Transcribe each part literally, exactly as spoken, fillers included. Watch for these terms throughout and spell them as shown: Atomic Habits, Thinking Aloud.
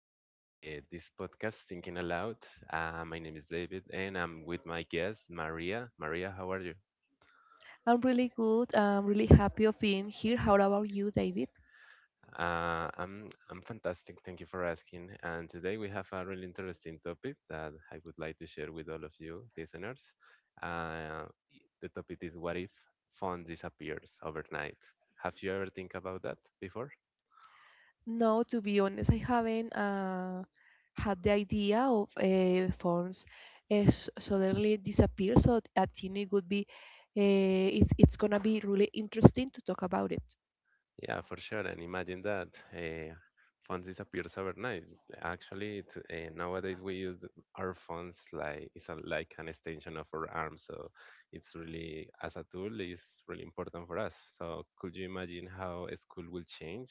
to uh, this podcast, Thinking Aloud. Uh, my name is David, and I'm with my guest, Maria. Maria, how are you? I'm really good. I'm really happy of being here. How about you, David? Uh, I'm, I'm fantastic. Thank you for asking. And today we have a really interesting topic that I would like to share with all of you listeners. Uh, the topic is, what if phone disappears overnight? Have you ever think about that before? No, to be honest, I haven't uh, had the idea of uh, phones uh, s- suddenly disappear. So I think it would be uh, it's it's gonna be really interesting to talk about it. Yeah, for sure. And imagine that uh, phones disappears overnight. Actually, it, uh, nowadays we use our phones like it's a, like an extension of our arm. So it's really as a tool is really important for us. So could you imagine how a school will change?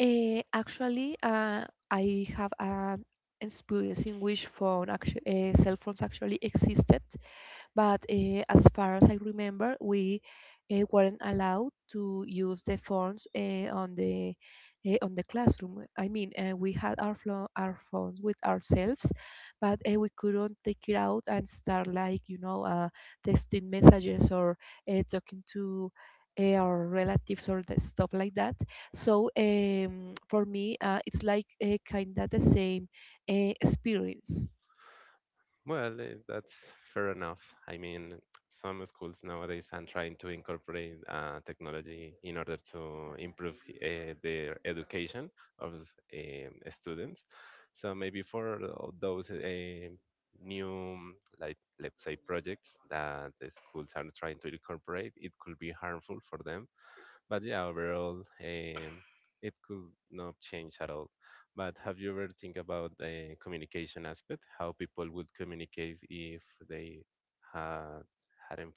Uh, actually, uh, I have an experience in which phone actu- uh, cell phones actually existed. But uh, as far as I remember, we uh, weren't allowed to use the phones uh, on the uh, on the classroom. I mean, uh, we had our flo- our phones with ourselves, but uh, we couldn't take it out and start like you know uh, texting messages or uh, talking to uh, our relatives or the stuff like that. So um, for me, uh, it's like uh, kind of the same uh, experience. Well, eh, that's fair enough. I mean, some schools nowadays are trying to incorporate uh, technology in order to improve uh, their education of um students. So maybe for tho- those uh, new, like let's say, projects that the schools are trying to incorporate, it could be harmful for them, but yeah, overall, um, it could not change at all. But have you ever think about the communication aspect? How people would communicate if they had hadn't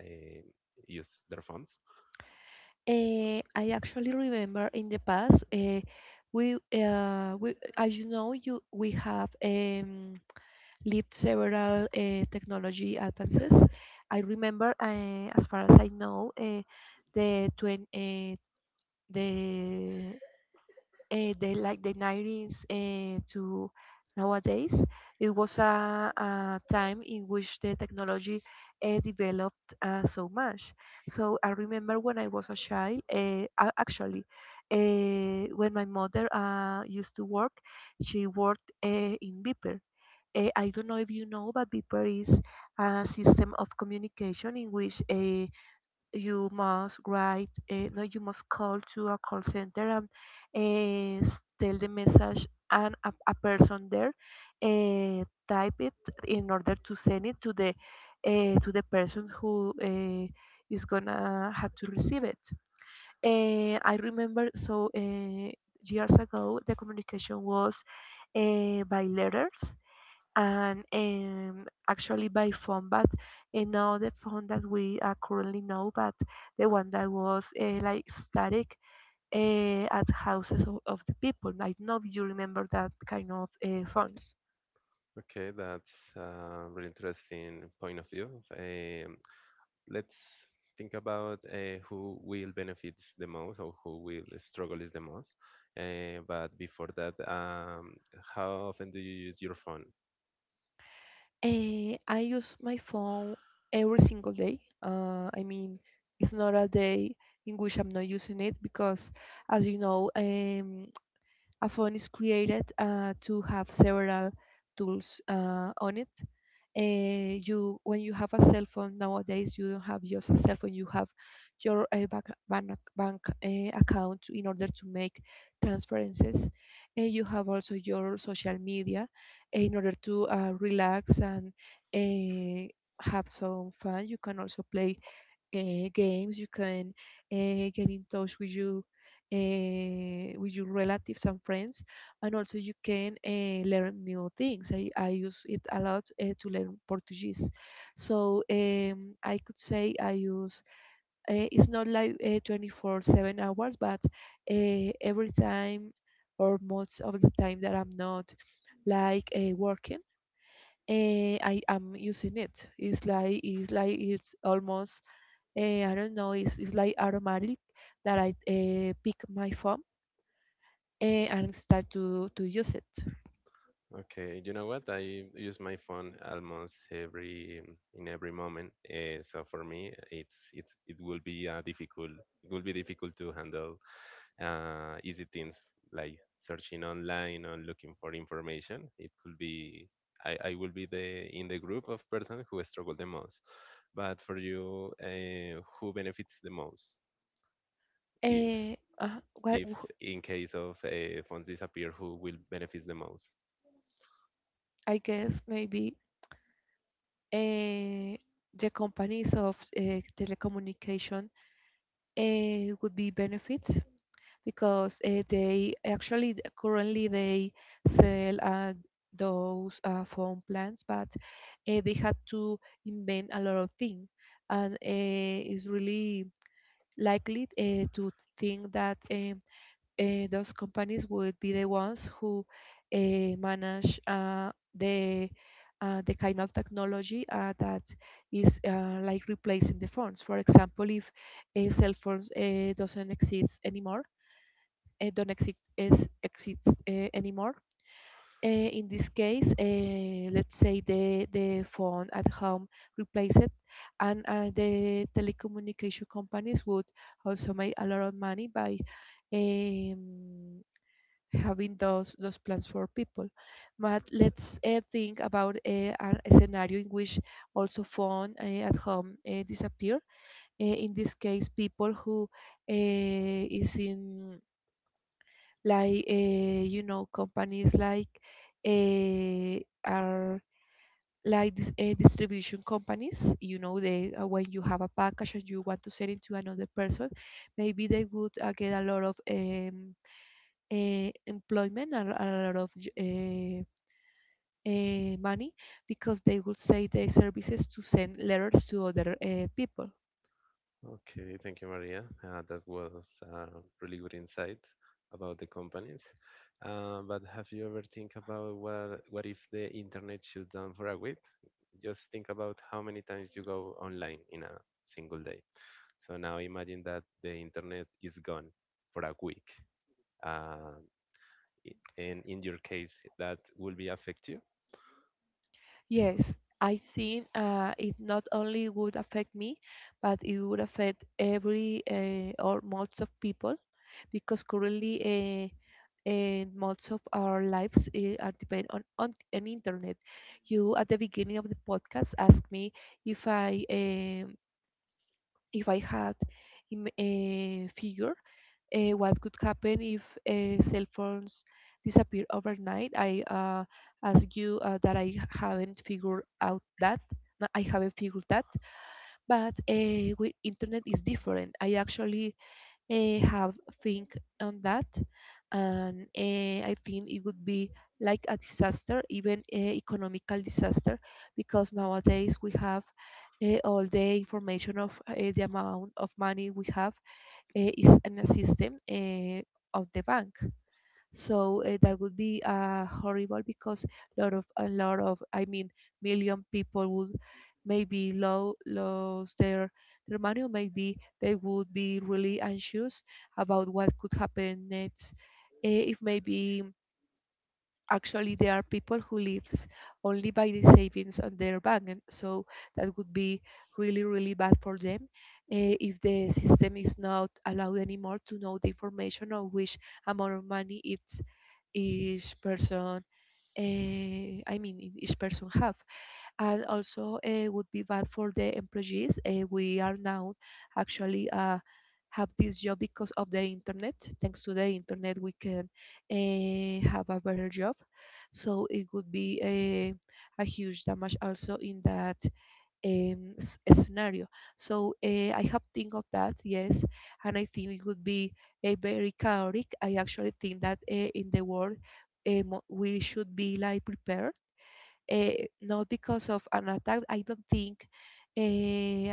uh, used their phones? Uh, I actually remember in the past, uh, we, uh, we, as you know, you we have um, lived several uh, technology advances. I remember, uh, as far as I know, uh, the twen- uh, the uh, the like the nineties uh, to nowadays. It was a, a time in which the technology uh, developed uh, so much. So I remember when I was a child, uh, a- actually uh, when my mother uh, used to work, she worked uh, in beeper. uh, I don't know if you know, but beeper is a system of communication in which uh, you must write, uh, no, you must call to a call center and uh, s- tell the message, and a, a person there uh, type it in order to send it to the uh, to the person who uh, is gonna have to receive it. Uh, I remember, so uh, years ago the communication was uh, by letters and um, actually by phone, but uh, not the phone that we uh, currently know, but the one that was uh, like static uh, at houses of, of the people. I don't know if you remember that kind of uh, phones. Okay, that's a really interesting point of view. Um, let's think about uh, who will benefit the most or who will struggle is the most. Uh, but before that, um, how often do you use your phone? Uh, I use my phone every single day. Uh, I mean, it's not a day in which I'm not using it because, as you know, um, a phone is created uh, to have several tools uh, on it. Uh, you When you have a cell phone nowadays, you don't have just a cell phone. You have your uh, bank bank, bank uh, account in order to make transferences. And you have also your social media uh, in order to uh, relax and uh, have some fun. You can also play uh, games. You can uh, get in touch with you. Uh, with your relatives and friends, and also you can uh, learn new things. I, I use it a lot uh, to learn Portuguese, so um, I could say I use, uh, it's not like uh, twenty-four seven hours, but uh, every time or most of the time that I'm not like uh, working, uh, I am using it. It's like it's like it's almost, eh, I don't know, it's, it's like automatic that I uh, pick my phone eh, and start to, to use it. Okay, you know what? I use my phone almost every mm, in every moment. Uh, so for me, it's it's it will be uh, difficult. It will be difficult to handle uh, easy things like searching online or looking for information. It could be I, I will be the in the group of person who struggle the most. But for you, uh, who benefits the most? If Eh, uh, what, if in case of uh, phones disappear, who will benefit the most? I guess maybe eh, the companies of eh, telecommunication eh, would be benefits because uh, they actually th- currently they sell uh, those uh, phone plans, but uh, they had to invent a lot of things, and uh, it's really likely uh, to think that um, uh, those companies would be the ones who uh, manage uh, the uh, the kind of technology uh, that is uh, like replacing the phones. For example, if uh, cell phones uh, doesn't exist anymore uh, don't exist is, exists uh, anymore. Uh, in this case, uh, let's say the, the phone at home replaced it, and uh, the telecommunication companies would also make a lot of money by um, having those those plans for people. But let's uh, think about uh, a scenario in which also phone uh, at home uh, disappear. Uh, in this case, people who uh, is in like uh, you know companies like uh, are like dis- uh, distribution companies, you know, they uh, when you have a package and you want to send it to another person, maybe they would uh, get a lot of um, uh, employment and a lot of uh, uh, money because they would say their services to send letters to other uh, people. Okay, thank you, Maria. Uh, that was uh, really good insight about the companies. Uh, but have you ever think about what what if the internet shuts down for a week? Just think about how many times you go online in a single day. So now imagine that the internet is gone for a week. Uh, i- and in your case, that will be affect you. Yes, I think uh, it not only would affect me, but it would affect every uh, or most of people because currently uh, uh, most of our lives uh, are depend on, on an internet. You at the beginning of the podcast asked me if I, um, if I had im- a figure uh, what could happen if uh, cell phones disappear overnight. I uh, ask you uh, that I haven't figured out that. No, I haven't figured that, but uh, with internet is different. I actually uh, have think on that, and uh, I think it would be like a disaster, even a economical disaster, because nowadays we have uh, all the information of uh, the amount of money we have uh, is in a system uh, of the bank. So uh, that would be uh, horrible, because a lot of a lot of, I mean, million people would maybe lo- lose their their money, or maybe they would be really anxious about what could happen next. Eh, if maybe, actually, there are people who lives only by the savings on their bank, and so that would be really really bad for them, eh, if the system is not allowed anymore to know the information of which amount of money it's each person, uh, I mean, in each person have. And also it would be bad for the employees. Uh, we are now actually uh, have this job because of the internet. Thanks to the internet, we can uh, have a better job. So it would be a, a huge damage also in that um, s- scenario. So uh, I have think of that, yes, and I think it would be a very chaotic. I actually think that uh, in the world um, we should be like prepared, uh, not because of an attack. I don't think uh,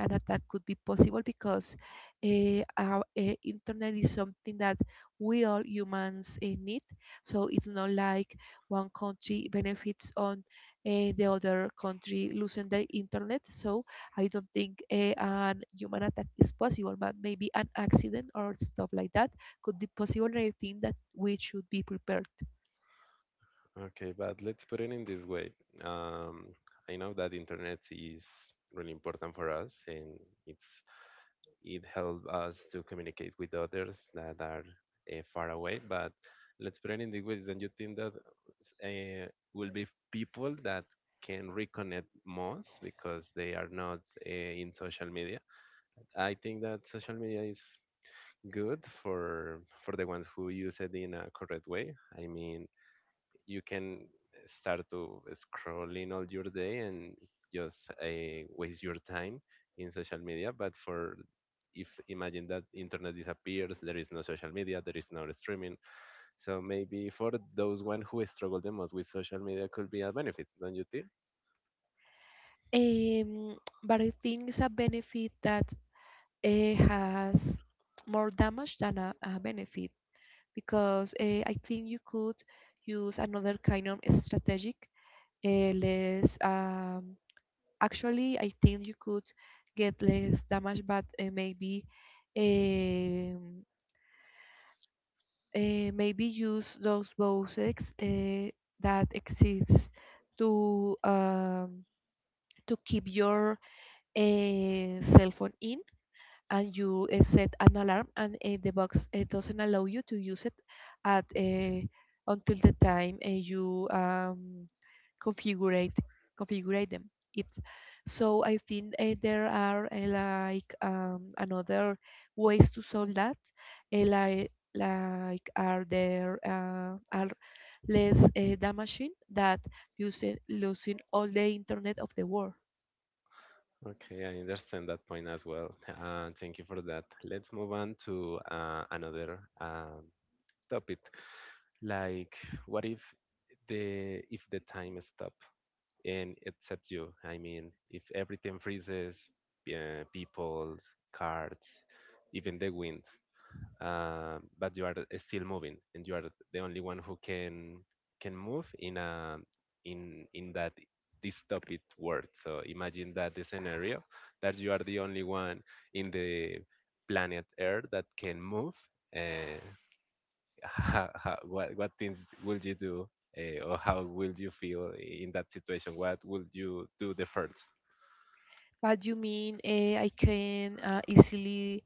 an attack could be possible because uh, our uh, internet is something that we all humans uh, need. So it's not like one country benefits on uh, the other country losing the internet. So I don't think uh, an human attack is possible, but maybe an accident or stuff like that could be possible. And I think that we should be prepared. Okay, but let's put it in this way. Um, I know that internet is really important for us, and it's it helps us to communicate with others that are uh, far away. But let's put it in the ways. Don't you think that uh, will be people that can reconnect most because they are not uh, in social media? I think that social media is good for for the ones who use it in a correct way. I mean, you can start to scrolling all your day and just uh, waste your time in social media, but for, if imagine that internet disappears, there is no social media, there is no streaming. So maybe for those one who struggle the most with social media could be a benefit, don't you think? Um, but I think it's a benefit that eh, has more damage than a, a benefit, because eh, I think you could use another kind of strategic, eh, less um, actually I think you could get less damage. But eh, maybe, um, eh, maybe use those bosses eh, that exists to um, to keep your eh, cell phone in, and you uh, set an alarm and uh, the box uh, doesn't allow you to use it at, uh, until the time uh, you um, configure configure them it. So I think uh, there are uh, like um, another ways to solve that, uh, like like are there uh, are less uh, damaging that using, losing all the internet of the world. Okay, I understand that point as well. Uh, thank you for that. Let's move on to uh, another uh, topic, like, what if the, if the time stop, and except you. I mean, if everything freezes, uh, people, cards, even the wind, uh, but you are still moving, and you are the only one who can can move in a in in that dystopic world. So imagine that the scenario that you are the only one in the planet Earth that can move. Uh, how, how, what what things would you do uh, or how will you feel in that situation? What would you do the first? But you mean uh, I can uh, easily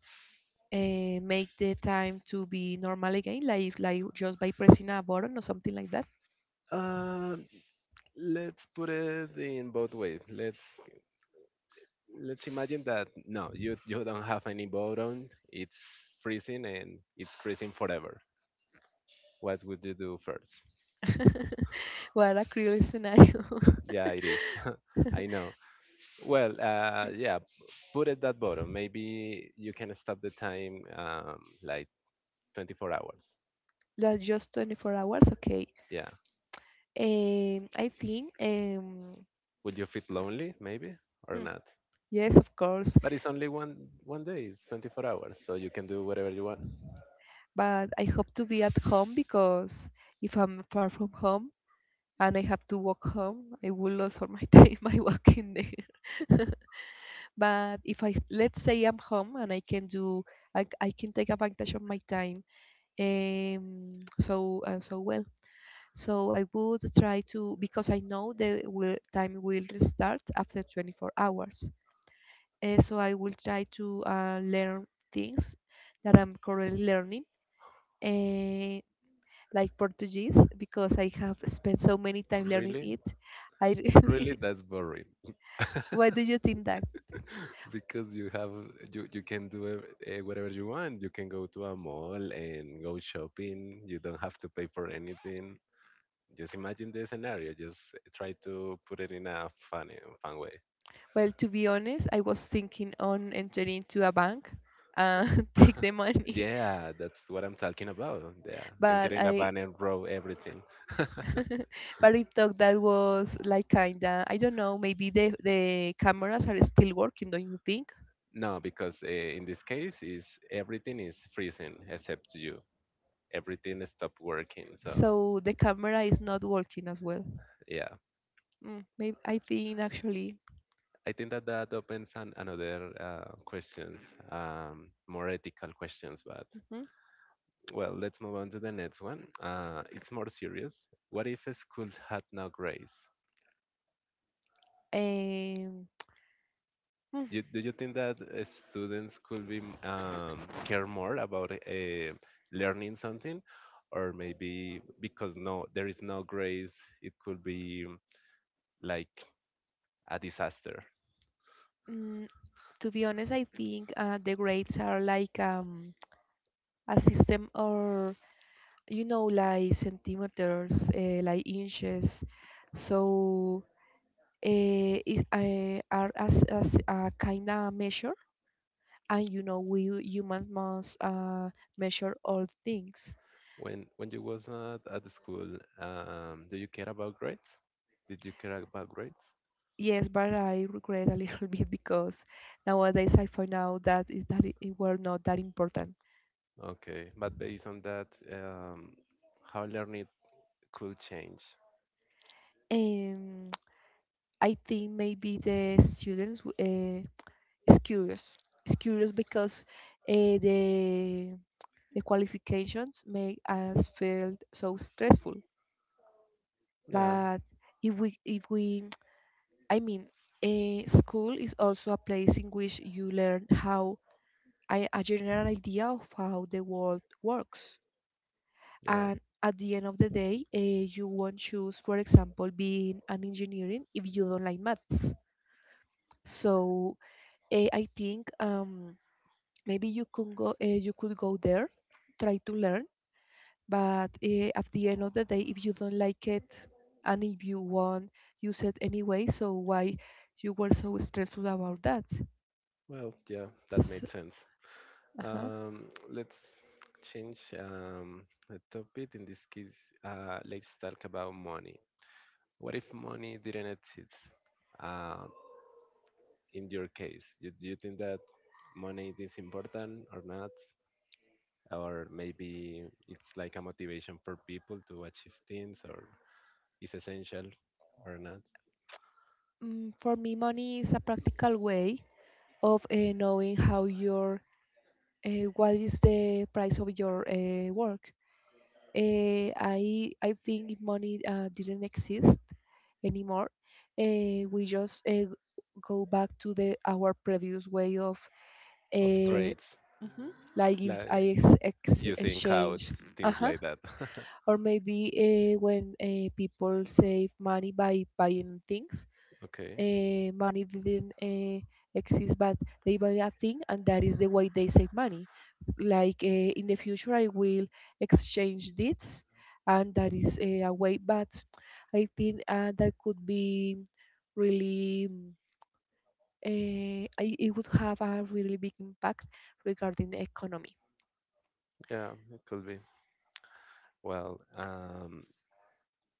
uh, make the time to be normal again, like like just by pressing a button or something like that? uh, let's put it in both ways. Let's let's imagine that no, you, you don't have any bottom. It's freezing and it's freezing forever. What would you do first? What a cruel scenario! Yeah, it is. I know. Well, uh, yeah, put it that bottom maybe you can stop the time, um, like twenty-four hours. That's just twenty-four hours, okay. Yeah. Um, I think, um, Will you feel lonely, maybe, or hmm, not? yes, of course, But it's only one one day, it's twenty-four hours, so you can do whatever you want. but I hope to be at home, because if I'm far from home and I have to walk home, I will lose all my time by walking there. But if I, let's say I'm home and I can do, I, I can take advantage of my time, um, so uh, so well. So I would try to, because I know the will, time will restart after twenty-four hours. Uh, so I will try to uh, learn things that I'm currently learning, uh, like Portuguese, because I have spent so many time learning Really? it. I Really, really. that's boring. Why do you think that? Because you have, you you can do uh, whatever you want. You can go to a mall and go shopping, you don't have to pay for anything. Just imagine the scenario, just try to put it in a funny fun way. Well, to be honest, I was thinking on entering to a bank and take the money, Yeah, that's what I'm talking about. Yeah, but entering a I van and row everything. but it took that was like kinda, I don't know, maybe the the cameras are still working, don't you think? No, because uh, in this case is everything is freezing except you. Everything stopped working. So So the camera is not working as well. yeah, mm, maybe. I think actually. I think that that opens an, another uh, questions, um, more ethical questions. But Mhm. well, let's move on to the next one. Uh, it's more serious. What if schools had no grades? um, You, mm, do you think that uh, students could be, um, care more about uh, learning something, or maybe because no, there is no grades, it could be like a disaster. mm, to be honest, I think uh, the grades are like um a system, or you know, like centimeters, uh, like inches. So uh, it, uh, are as, as a kind of measure. And you know we humans must uh, measure all things. When when you was at, at the school, um, do you care about grades? Did you care about grades? Yes, but I regret a little bit, because nowadays I find out that is that it, it were not that important. Okay, but based on that, um, how learning could change. And I think maybe the students uh, is curious. It's curious because uh, the the qualifications make us feel so stressful. Yeah, But if we, if we, I mean, eh, school is also a place in which you learn how a, a general idea of how the world works. yeah. And at the end of the day, eh, you won't choose, for example, being an engineering if you don't like maths. So eh, I think, um, maybe you can go, eh, you could go there, try to learn. But uh, at the end of the day, if you don't like it and if you won't use it anyway, so why you were so stressful about that? Well, yeah, that So, made sense. uh-huh. Um, let's change, um, the topic. In this case, uh, let's talk about money. What if money didn't exist? Um, in your case? You, do you think that money is important or not? Or maybe it's like a motivation for people to achieve things or is essential or not? Mm, for me, money is a practical way of uh, knowing how your uh, what is the price of your uh, work. Uh, I I think if money uh, didn't exist anymore. Uh, we just uh, go back to the our previous way of Of uh, trades, hmm like if I like ex- ex- using codes, exchange. things Uh-huh. like that. Or maybe uh, when uh, people save money by buying things, Okay, uh, money didn't uh, exist, but they buy a thing, and that is the way they save money. Like uh, in the future, I will exchange this, and that is uh, a way. But I think uh, that could be really, uh, I, it would have a really big impact regarding the economy. yeah, it could be. Well, um,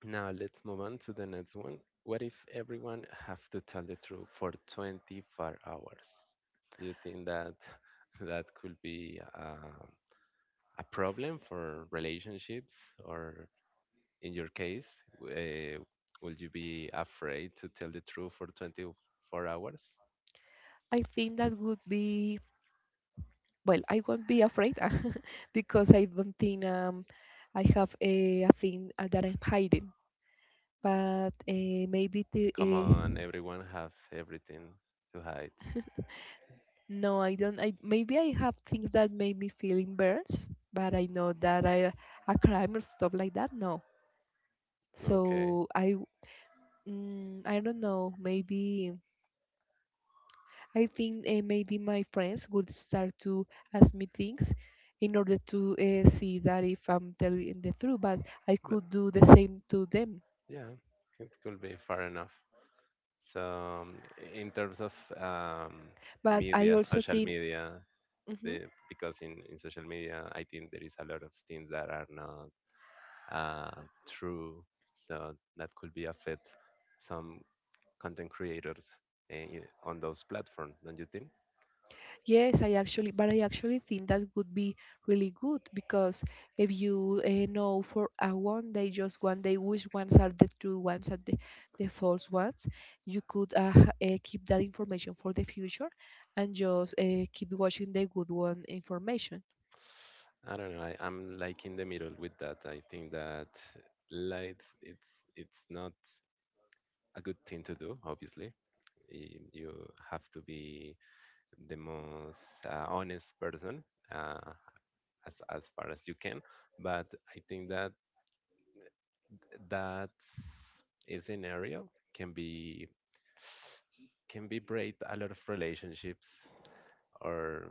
now let's move on to the next one. What if everyone have to tell the truth for twenty-four hours? Do you think that that could be uh, a problem for relationships, or in your case, uh, would you be afraid to tell the truth for twenty-four hours? I think that would be, well, I won't be afraid because I don't think um, I have a, a thing uh, that I'm hiding. But uh, maybe the, Come uh, on, everyone have everything to hide. no, I don't. I maybe I have things that make me feel embarrassed, but I know that I a crime or stuff like that. No, Okay, so I mm, I don't know. Maybe I think, eh, maybe my friends would start to ask me things in order to uh, see that if I'm telling the truth, but I but could do the same to them. yeah, it could be far enough. So um, in terms of um, But I media, also social think. media, Mhm. the, because in, in social media, I think there is a lot of things that are not uh, true. So that could be affect some content creators uh, i- on those platforms, don't you think? Yes, I actually, but I actually think that would be really good because if you uh, know for a one day, just one day, which ones are the true ones and the, the false ones, you could uh, uh, keep that information for the future and just uh, keep watching the good one information. I don't know. I, I'm like in the middle with that. I think that lights, it's it's not a good thing to do. Obviously, Y- you have to be the most uh, honest person uh, as as far as you can. But I think that that scenario can be can be break a lot of relationships, or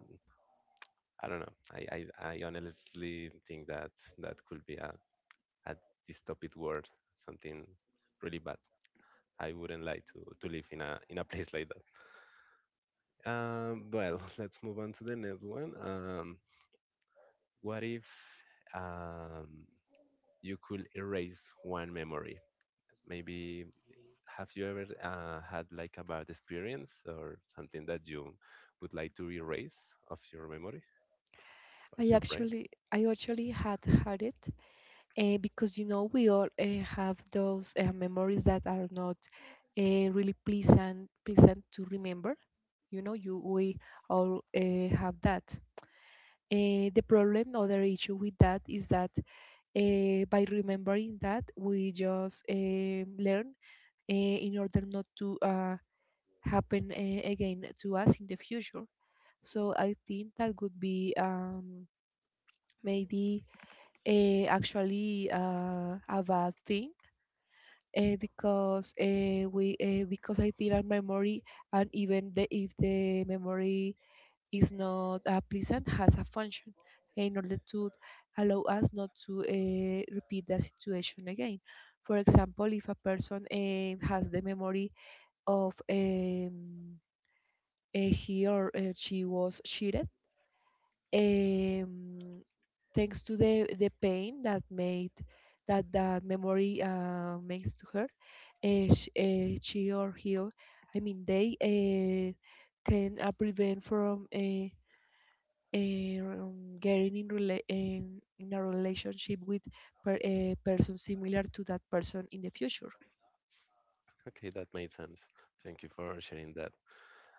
I don't know. I, I, I honestly think that that could be a, a dystopic world, something really bad. I wouldn't like to, to live in a in a place like that. Um, well, let's move on to the next one. Um, what if, um, you could erase one memory. Maybe have you ever uh, had like a bad experience or something that you would like to erase of your memory, of I your brain? actually, I actually had had it uh, because you know we all uh, have those uh, memories that are not uh, really pleasant, pleasant to remember. You know, you we all uh, have that. Uh, the problem, other issue with that is that uh, by remembering that, we just um learn uh, in order not to uh, happen uh, again to us in the future. So I think that could be, um, maybe uh, actually uh, a bad thing, uh, because uh, we uh, because I feel our memory, and even the, if the memory is not uh, pleasant has a function in order to allow us not to uh, repeat the situation again. For example, if a person uh, has the memory of, um, uh, he or uh, she was cheated. Um, Thanks to the the pain that made that that memory, uh, makes to her, uh, she, uh, she or he, I mean they uh, can uh, prevent from, uh, uh, um, getting in, rela- in in a relationship with per, a person similar to that person in the future. Okay, that made sense. Thank you for sharing that.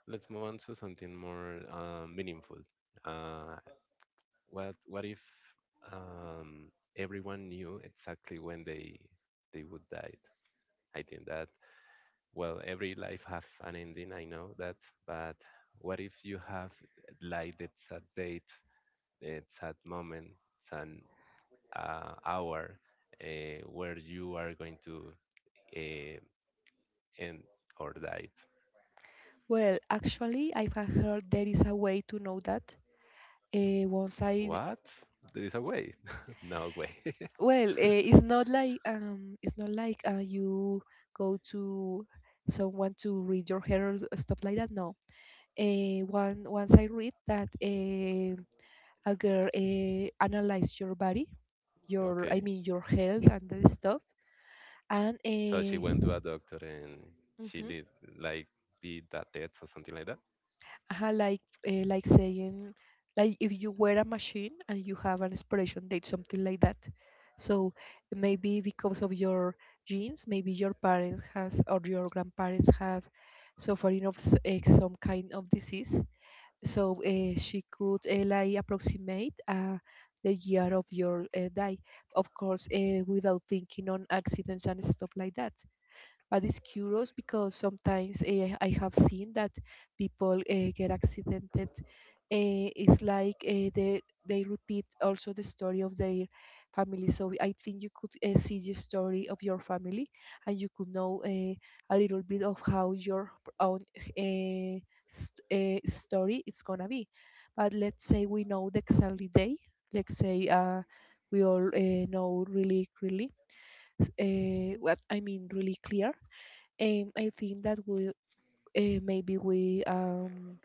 Let's move on to something more uh, meaningful. Uh, what what if, um, everyone knew exactly when they they would die? I think that, well, every life have an ending, I know that, but what if you have like the sad date, the sad moment, it's an uh, hour uh, where you are going to uh, end or die. Well, actually, I've heard there is a way to know that. Uh, once I. What? There is a way? No way. Well, eh, it's not like um, it's not like uh, you go to someone to read your hair or s- stuff like that. No. Eh, one Once I read that, eh, a girl, eh, analyzed your body, your I Okay, mean your health and the stuff, and so she eh, went to a doctor and she did like did that test or something like that. uh, like uh, like saying, like if you were a machine and you have an expiration date, something like that. So maybe because of your genes, maybe your parents has or your grandparents have suffering of s- eh, some kind of disease. So uh, she could uh, like approximate uh, the year of your uh, die, of course uh, without thinking on accidents and stuff like that. But it's curious because sometimes, eh, I have seen that people eh, get accidented. Eh, it's like, eh, they they repeat also the story of their family. So I think you could, eh, see the story of your family, and you could know, eh, a little bit of how your p- own eh, st- eh, story is gonna be. But let's say we know the exactly day. Let's say uh, we all uh, know really clearly, uh, what I mean really clear. Um, I think that we uh, maybe we um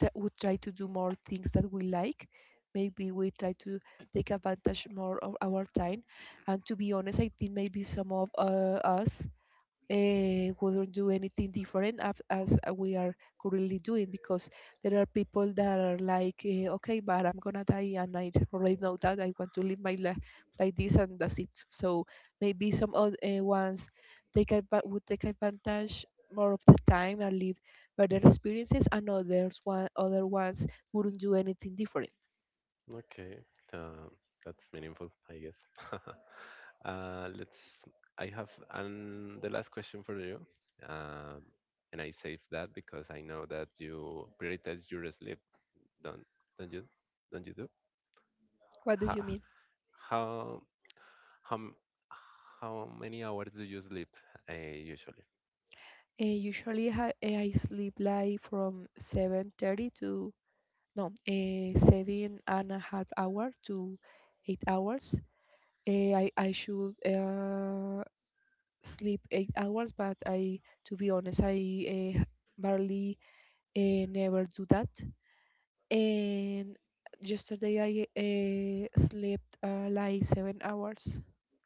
t- would try to do more things that we like. Maybe we try to take advantage more of our time. And to be honest, I think maybe some of uh, us uh, wouldn't do anything different as, as we are currently doing, because there are people that are like, uh, okay, but I'm gonna die and I already know that I want to live my life like this, and that's it. So maybe some other uh, ones take adva- would take advantage more of the time and live better experiences, and others one other ones wouldn't do anything different. Okay. uh, that's meaningful, I guess. Uh, let's. I have an, the last question for you, um, and I save that because I know that you prioritize your sleep. Don't don't you? Don't you do? What do you How mean? how how m- how many hours do you sleep uh, usually? Uh, usually ha- eh, I sleep like from seven thirty to, no, uh, seven and a half hour to eight hours. Eh, I I should uh, sleep eight hours, but I, to be honest, I, uh, barely, uh, never do that. And yesterday I uh, slept uh, like seven hours.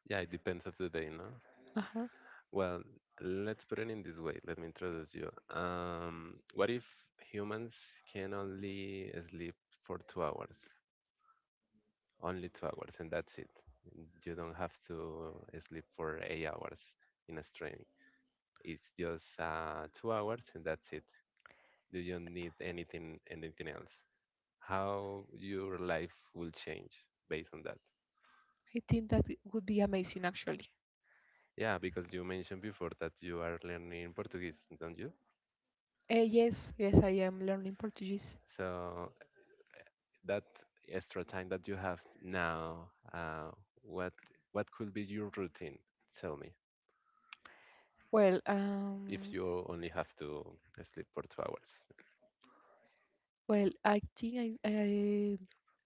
Yeah, it depends of the day, no? Uh-huh. Well, let's put it in this way. Let me introduce you. Um, what if humans can only sleep for two hours? Only two hours, and that's it. You don't have to sleep for eight hours in a string. It's just uh, two hours, and that's it. You don't need anything, anything else. How your life will change based on that? I think that would be amazing, actually. Yeah, because you mentioned before that you are learning Portuguese, don't you? Uh, yes, yes, I am learning Portuguese. So that extra time that you have now, uh, what what could be your routine? Tell me, Well, if um, you only have to sleep for two hours. Well, I think I, I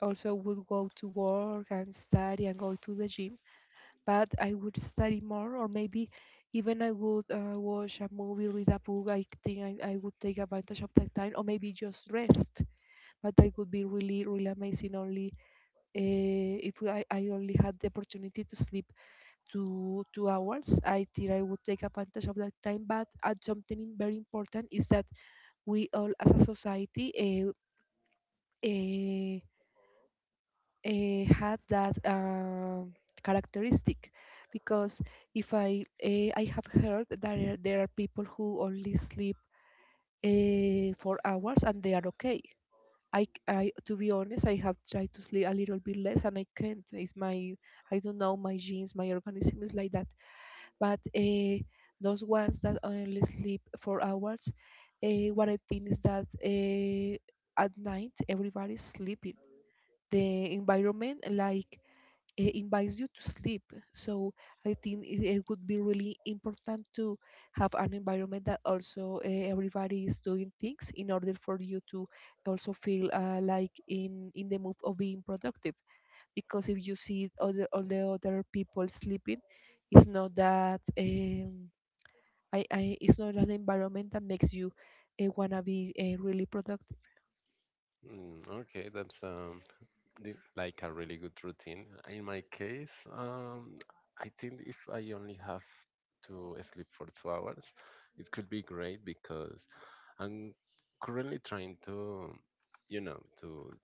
also would go to work and study and go to the gym, but I would study more, or maybe even I would, uh, watch a movie, read a book. I think I, I would take advantage of that time, or maybe just rest. But that would be really, really amazing only uh, if I, I only had the opportunity to sleep two two hours. I think I would take advantage of that time. But uh, something very important is that we all, as a society, uh, uh, uh, had that um characteristic, because if I uh, I have heard that there there are people who only sleep uh, four hours and they are okay. I, c- I- to be honest, I have tried to sleep a little bit less and I can't. It's my. I don't know, my genes, my organism is like that. But uh, those ones that only sleep four hours, uh, what I think is that uh, at night everybody's sleeping. The environment, like, eh, invites you to sleep. So I think it, it would be really important to have an environment that also uh, everybody is doing things in order for you to also feel, uh, like in in the mood of being productive. Because if you see other all the other people sleeping, it's not that, um, I, I it's not an environment that makes you uh, wanna be uh, really productive. Mm, okay, that's, um, the- like a really good routine. In my case, um, I think if I only have to sleep for two hours, it could be great because I'm currently trying to, you know, to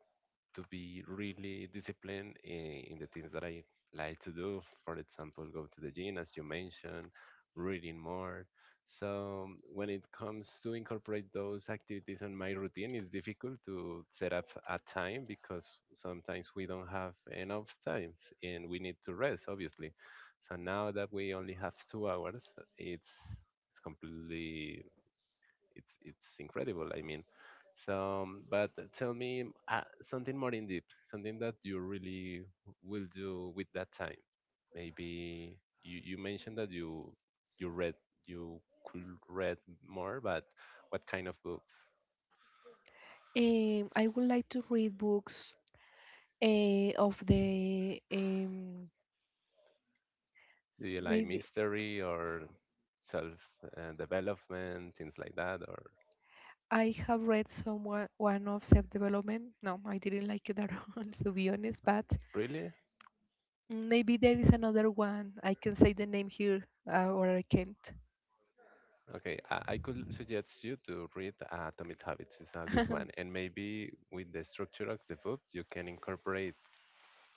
to be really disciplined in, in the things that I like to do. For example, go to the gym, as you mentioned, reading more. So when it comes to incorporate those activities in my routine, it's difficult to set up a time because sometimes we don't have enough times and we need to rest, obviously. So now that we only have two hours, it's it's completely it's it's incredible. I mean, so, um, but tell me, um, uh, something more in deep, something that you really will do with that time. Maybe you, you mentioned that you you read, you could read more, but what kind of books? Um, I would like to read books, uh, of the. um, Do you like Maybe mystery or self uh, development, things like that, or, I have read somewhere one of self-development. No, I didn't like it at all, to be honest. But really? maybe there is another one. I can say the name here, uh, or I can't. Okay, I, I could suggest you to read Atomic Habits. It's a good one, and maybe with the structure of the book, you can incorporate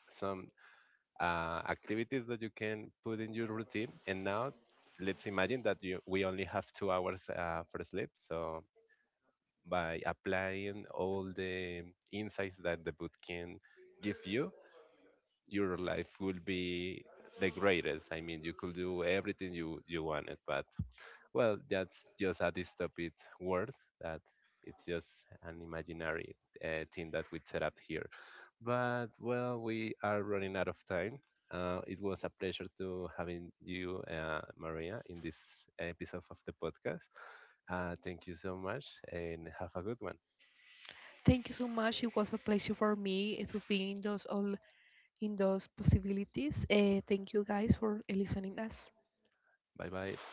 some uh, activities that you can put in your routine. And now, let's imagine that you, we only have two hours uh, for sleep. So, by applying all the insights that the boot can give you, your life will be the greatest. I mean, you could do everything you, you wanted, but well, that's just a dystopic word that it's just an imaginary uh, thing that we set up here. But well, we are running out of time. Uh, it was a pleasure to having you, uh, Maria, in this episode of the podcast. Uh, thank you so much, and have a good one. Thank you so much. It was a pleasure for me to be in those all in those possibilities. Uh, thank you guys for listening us. Bye bye.